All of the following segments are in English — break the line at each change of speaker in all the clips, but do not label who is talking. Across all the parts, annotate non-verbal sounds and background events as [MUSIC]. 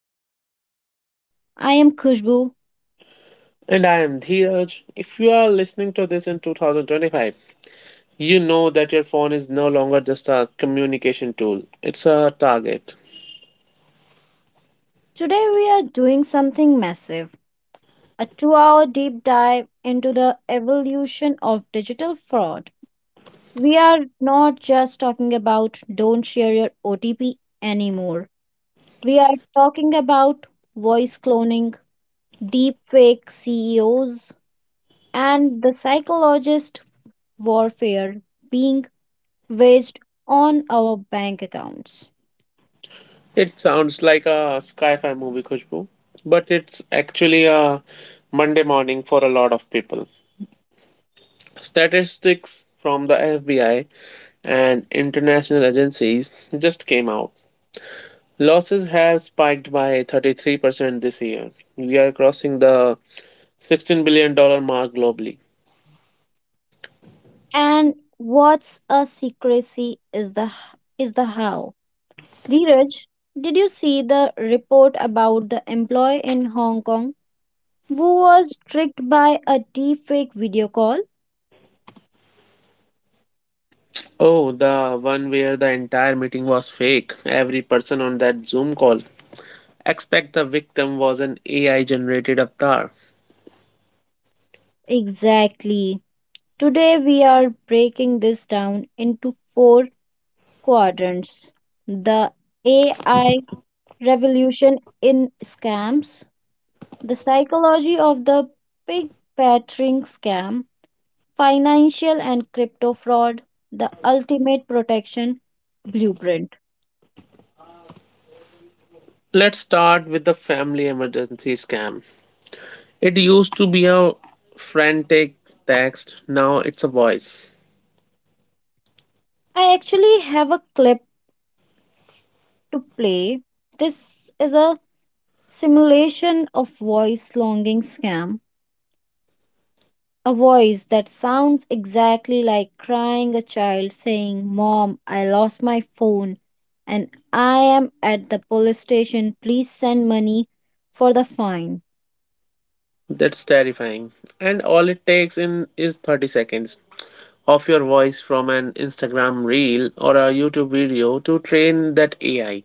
Digital Trap. I am Khushbu.
And I am Dheeraj. If you are listening to this in 2025, you know that your phone is no longer just a communication tool, it's a target.
Today, we are doing something massive, a 2 hour deep dive into the evolution of digital fraud. We are not just talking about don't share your OTP anymore, we are talking about voice cloning, deepfake CEOs, and the psychologist warfare being based on our bank accounts.
It sounds like a sci fi movie, Khushbu, but it's actually a Monday morning for a lot of people. Statistics from the FBI and international agencies just came out. Losses have spiked by 33% this year. We are crossing the $16 billion dollars mark globally.
And what's a secrecy is the how. Dheeraj, did you see the report about the employee in Hong Kong who was tricked by a deepfake video call?
Oh, the one where the entire meeting was fake. Every person on that Zoom call. Expect the victim was an AI generated avatar.
Exactly. Today we are breaking this down into four quadrants. The AI revolution in scams, the psychology of the pig battering scam, Financial and Crypto Fraud, the Ultimate Protection Blueprint.
Let's start with the family emergency scam. It used to be a frantic text, now it's a voice.
I actually have a clip to play. This is a simulation of voice longing scam. A voice that sounds exactly like crying a child saying, "Mom, I lost my phone and I am at the police station. Please send money for the fine."
That's terrifying. And all it takes in is 30 seconds of your voice from an Instagram reel or a YouTube video to train that AI.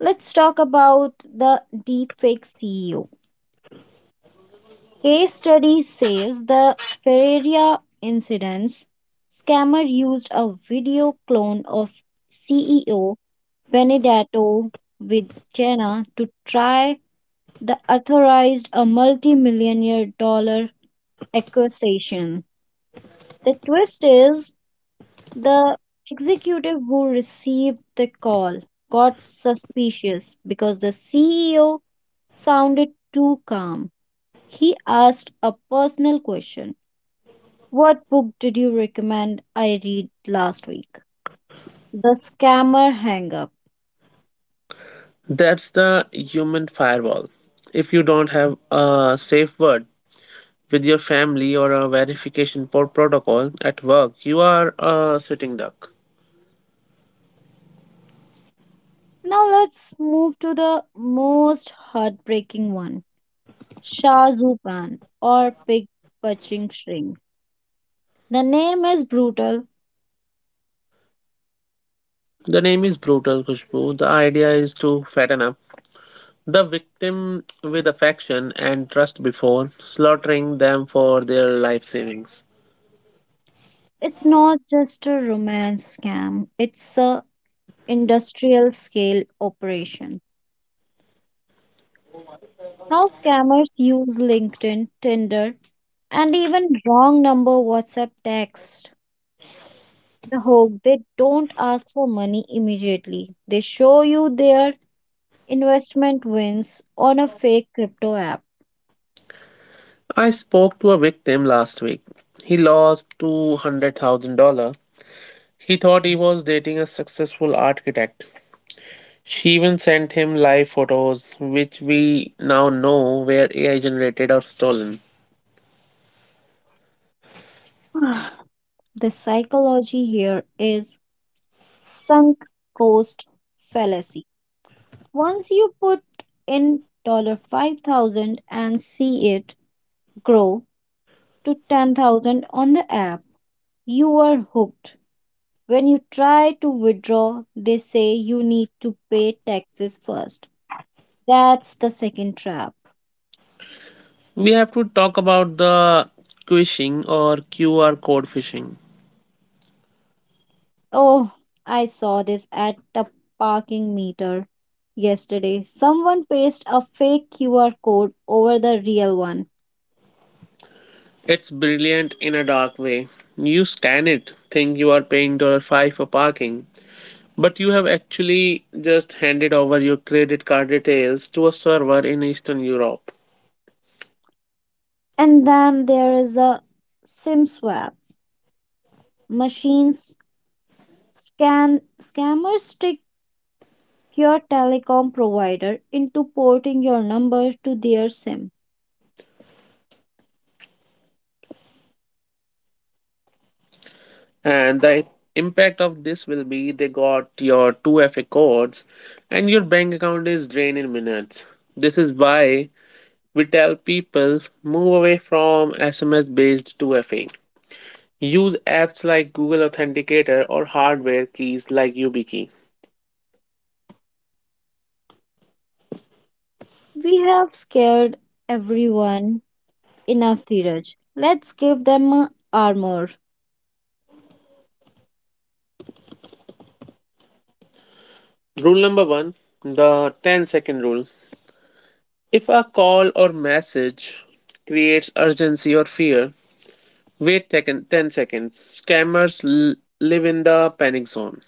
Let's talk about the deepfake CEO. Case study says the Ferreira incidents scammer used a video clone of CEO Benedetto Vigena to try the authorized a multi-millionaire dollar acquisition. The twist is the executive who received the call got suspicious because the CEO sounded too calm. He asked a personal question: what book did you recommend I read last week? The Scammer Hang Up.
That's the human firewall. If you don't have a safe word with your family or a verification protocol at work, you are a sitting duck.
Now let's move to the most heartbreaking one: Shah Zupan, or Pig Punching String. The name is brutal.
The name is brutal, Khushbu. The idea is to fatten up the victim with affection and trust before slaughtering them for their life savings.
It's not just a romance scam, it's a industrial scale operation. How scammers use LinkedIn, Tinder, and even wrong number WhatsApp texts. The hope they don't ask for money immediately. They show you their investment wins on a fake crypto app.
I spoke to a victim last week. He lost $200,000. He thought he was dating a successful architect. She even sent him live photos, which we now know were AI generated or stolen.
[SIGHS] The psychology here is sunk cost fallacy. Once you put in dollar 5,000 and see it grow to 10,000 on the app, you are hooked. When you try to withdraw, they say you need to pay taxes first. That's the second trap.
We have to talk about the quishing or QR code phishing.
Oh, I saw this at the parking meter yesterday. Someone pasted a fake QR code over the real one.
It's brilliant in a dark way. You scan it, think you are paying $5 for parking, but you have actually just handed over your credit card details to a server in Eastern Europe.
And then there is a SIM swap. Machines scan scammers trick your telecom provider into porting your number to their SIM.
And the impact of this will be they got your 2FA codes and your bank account is drained in minutes. This is why we tell people move away from SMS based 2FA. Use apps like Google Authenticator or hardware keys like YubiKey.
We have scared everyone enough, Dheeraj. Let's give them a armor.
Rule number one, the 10 second rule. If a call or message creates urgency or fear, wait 10 seconds. Scammers live in the panic zone.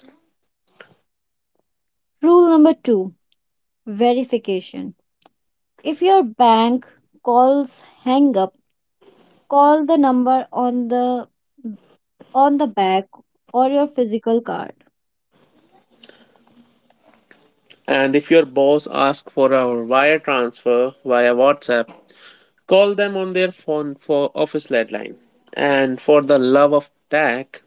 Rule number two: verification. If your bank calls hang up, call the number on the back or your physical card.
And if your boss asks for a wire transfer via WhatsApp, call them on their phone for office landline. And for the love of tech,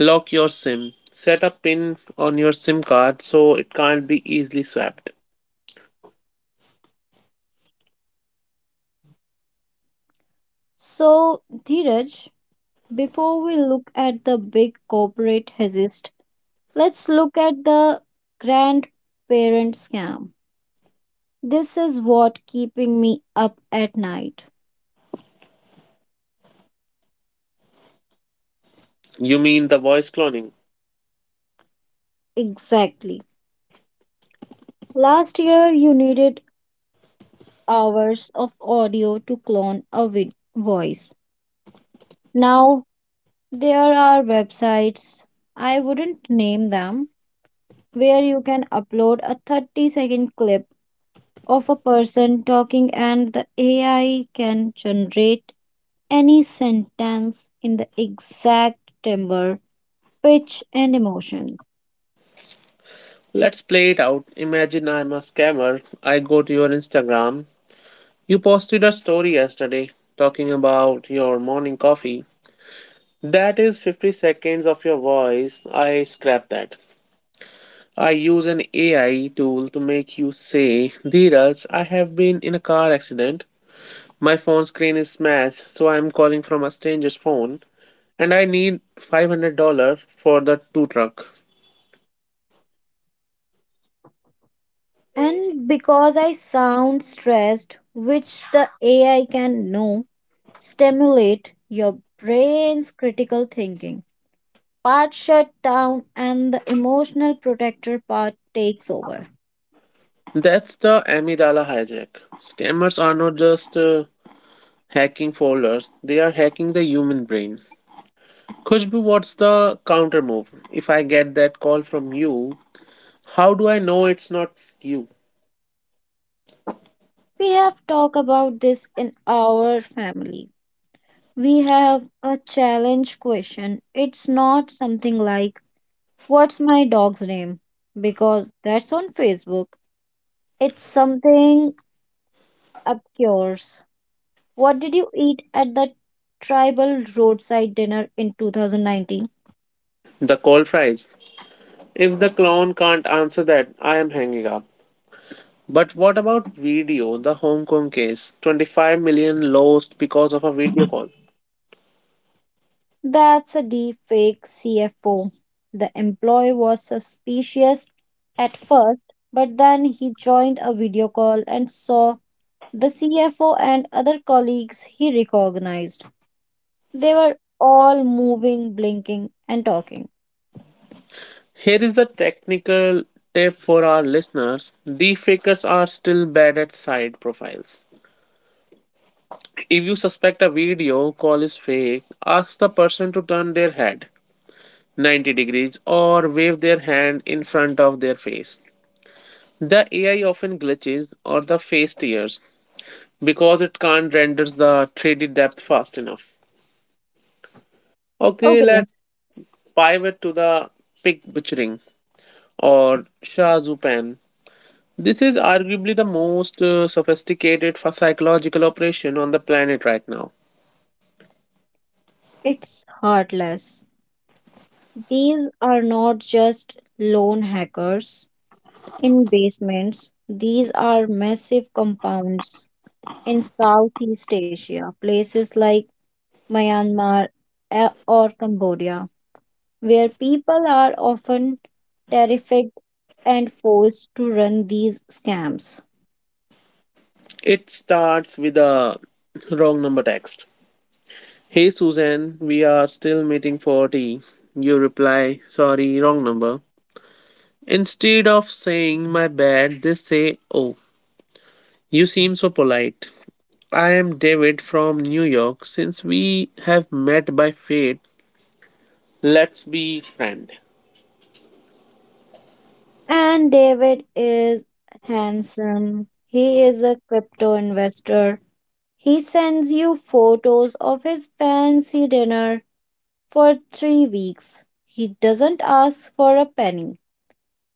lock your SIM. Set a pin on your SIM card so it can't be easily swapped.
So, Dheeraj, before we look at the big corporate hazist, let's look at the grandparent scam. This is what keeping me up at night.
You mean the voice cloning?
Exactly. Last year you needed hours of audio to clone a voice. Now, there are websites, I wouldn't name them, where you can upload a 30-second clip of a person talking and the AI can generate any sentence in the exact timbre, pitch, and emotion.
Let's play it out. Imagine I'm a scammer. I go to your Instagram. You posted a story yesterday talking about your morning coffee. That is 50 seconds of your voice. I scrap that. I use an AI tool to make you say, Dheeraj, I have been in a car accident. My phone screen is smashed, so I am calling from a stranger's phone, and I need $500 for the tow truck.
And because I sound stressed, which the AI can know, stimulate your brain's critical thinking. Part shut down and the emotional protector part takes over.
That's the amygdala hijack. Scammers are not just hacking folders, they are hacking the human brain. Khushbu, what's the counter move? If I get that call from you, how do I know it's not you?
We have talked about this in our family. We have a challenge question. It's not something like, what's my dog's name? Because that's on Facebook. It's something obscure. What did you eat at the tribal roadside dinner in 2019?
The call fries. If the clone can't answer that, I am hanging up. But what about video, the Hong Kong case? 25 million lost because of a video call.
That's a deep fake CFO. The employee was suspicious at first, but then he joined a video call and saw the CFO and other colleagues he recognized. They were all moving, blinking, and talking.
Here is the technical tip for our listeners: deepfakers are still bad at side profiles. If you suspect a video call is fake, ask the person to turn their head 90 degrees or wave their hand in front of their face. The AI often glitches or the face tears because it can't renders the 3D depth fast enough. Okay,
Okay,
let's pivot to the pig butchering or Shazupan. This is arguably the most sophisticated psychological operation on the planet right now.
it's heartless. These are not just lone hackers in basements, these are massive compounds in Southeast Asia, places like Myanmar, or Cambodia, where people are often terrified and forced to run these scams.
It starts with a wrong number text. Hey Susan, we are still meeting for tea. You reply, sorry, wrong number. Instead of saying my bad, they say, oh, you seem so polite. I am David from New York. Since we have met by fate, let's be friend.
And David is handsome. He is a crypto investor. He sends you photos of his fancy dinner for 3 weeks. He doesn't ask for a penny.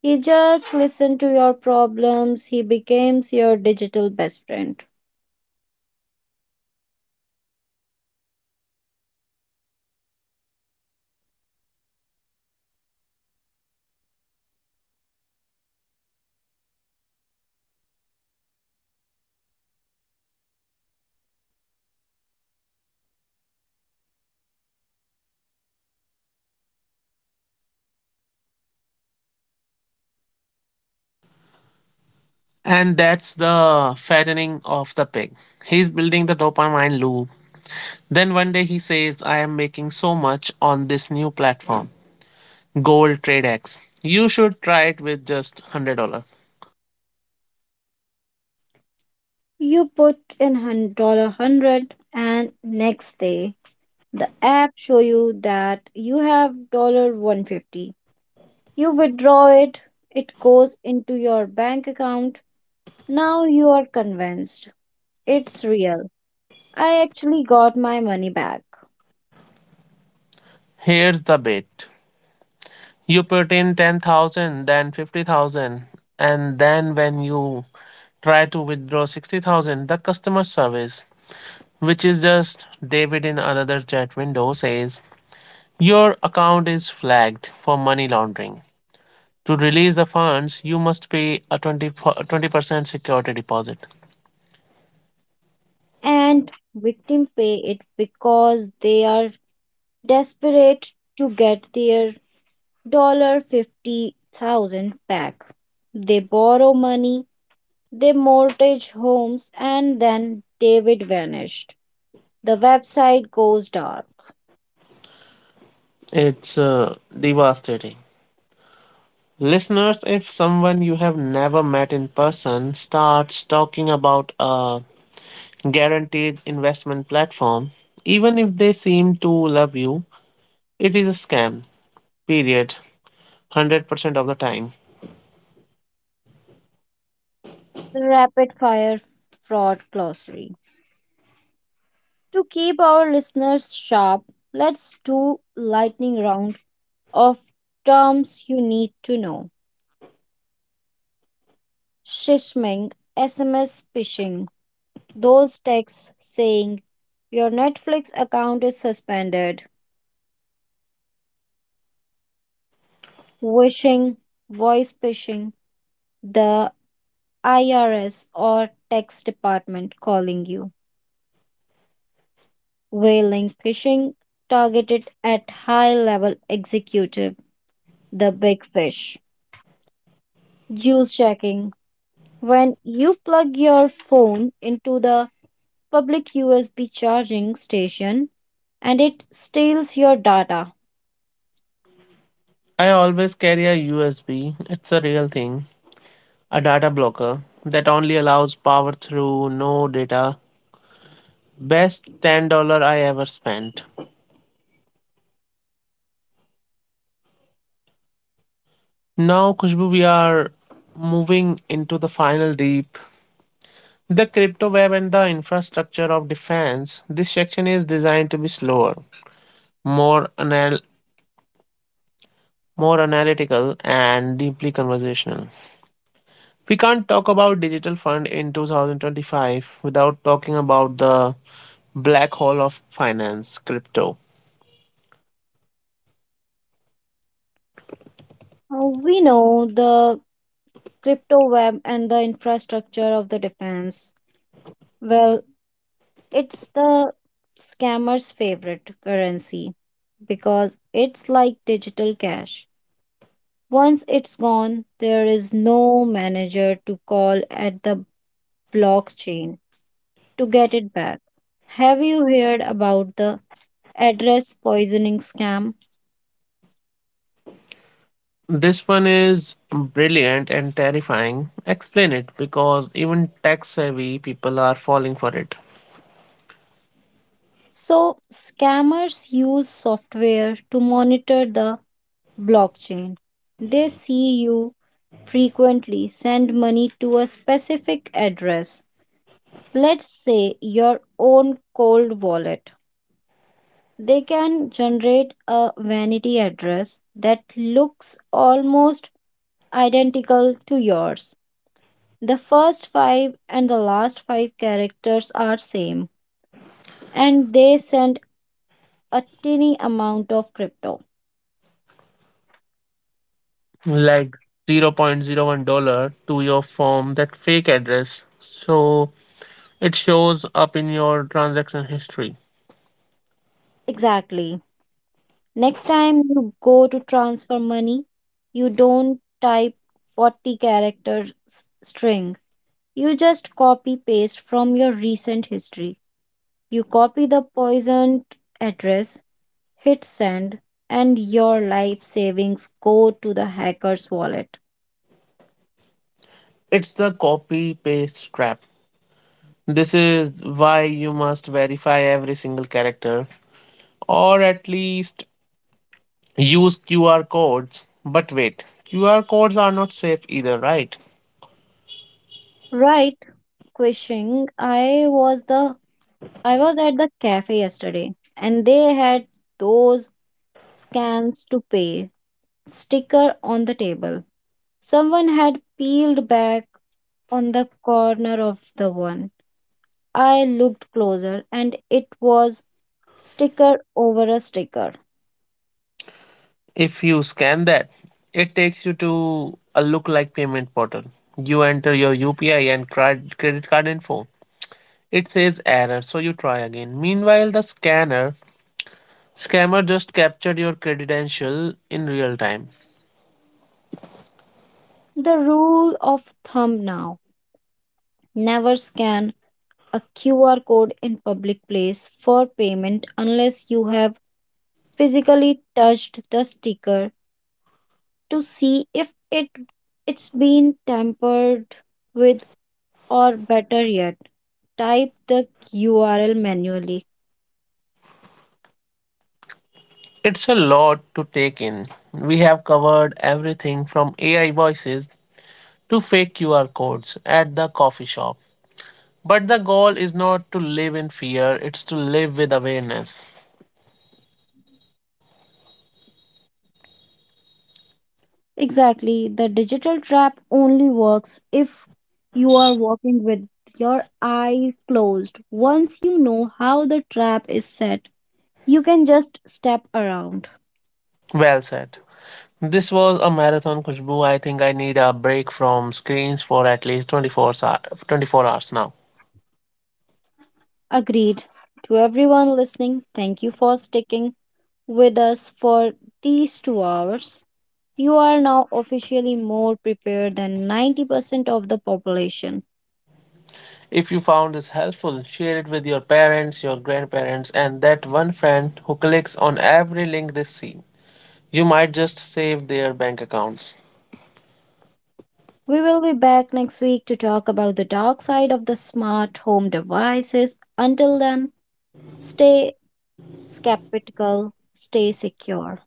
He just listens to your problems. He becomes your digital best friend.
And that's the fattening of the pig. He's building the dopamine loop. Then one day he says, I am making so much on this new platform, Gold TradeX. You should try it with just $100.
You put in dollar hundred, and next day the app show you that you have dollar 150. You withdraw it, it goes into your bank account. Now you are convinced it's real. I actually got my money back.
Here's the bait. You put in 10,000, then 50,000, and then when you try to withdraw 60,000, the customer service, which is just David in another chat window, says, your account is flagged for money laundering. To release the funds, you must pay a 20% security deposit.
And victims pay it because they are desperate to get their dollar 50,000 back. They borrow money, they mortgage homes, and then David vanished. The website goes dark.
It's devastating. Listeners, if someone you have never met in person starts talking about a guaranteed investment platform, even if they seem to love you, it is a scam, period, 100% of the time.
Rapid fire fraud glossary. To keep our listeners sharp, let's do lightning round of terms you need to know. Shishming, SMS phishing, those texts saying your Netflix account is suspended; wishing, voice phishing, the IRS or tax department calling you; whaling phishing, targeted at high level executive, the big fish; juice checking, when you plug your phone into the public USB charging station and it steals your data.
I always carry a USB. It's a real thing. A data blocker that only allows power through no data. Best $10 I ever spent. Now, Khushbu, we are moving into the final deep. The crypto web and the infrastructure of defense. This section is designed to be slower, more anal- more analytical, and deeply conversational. We can't talk about digital fund in 2025 without talking about the black hole of finance, crypto.
We know the crypto web and the infrastructure of the defense. Well, it's the scammer's favorite currency because it's like digital cash. Once it's gone, there is no manager to call at the blockchain to get it back. Have you heard about the address poisoning scam?
This one is brilliant and terrifying. Explain it because even tech savvy people are falling for it.
So, scammers use software to monitor the blockchain. They see you frequently send money to a specific address, let's say your own cold wallet. They can generate a vanity address that looks almost identical to yours. The first five and the last five characters are same and they send a tiny amount of crypto.
Like zero point zero $0.01 to your firm that fake address. So it shows up in your transaction history.
Exactly. Next time you go to transfer money, you don't type 40 character string. You just copy paste from your recent history. You copy the poisoned address, hit send, and your life savings go to the hacker's wallet.
It's the copy paste trap. This is why you must verify every single character or at least use QR codes. But wait, QR codes are not safe either, right?
Right, Quishing. I was at the cafe yesterday and they had those scans to pay sticker on the table. Someone had peeled back on the corner of the one. I looked closer and it was sticker over a sticker.
If you scan that, it takes you to a look like payment portal. You enter your UPI and credit card info. It says error, so you try again. Meanwhile, the scanner scammer just captured your credential in real time.
The rule of thumb now: never scan a QR code in public place for payment unless you have physically touched the sticker to see if it's been tampered with, or better yet, type the URL manually.
It's a lot to take in. We have covered everything from AI voices to fake QR codes at the coffee shop. But the goal is not to live in fear, it's to live with awareness.
Exactly. The digital trap only works if you are walking with your eyes closed. Once you know how the trap is set, you can just step around.
Well said. This was a marathon, Kushbu. I think I need a break from screens for at least 24 hours now.
Agreed. To everyone listening, thank you for sticking with us for these 2 hours. You are now officially more prepared than 90% of the population.
If you found this helpful, share it with your parents, your grandparents, and that one friend who clicks on every link they see. You might just save their bank accounts
We will be back next week to talk about the dark side of the smart home devices. Until then, stay skeptical, stay secure.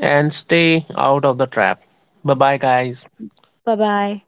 and stay out of the trap. Bye bye, guys.
Bye bye.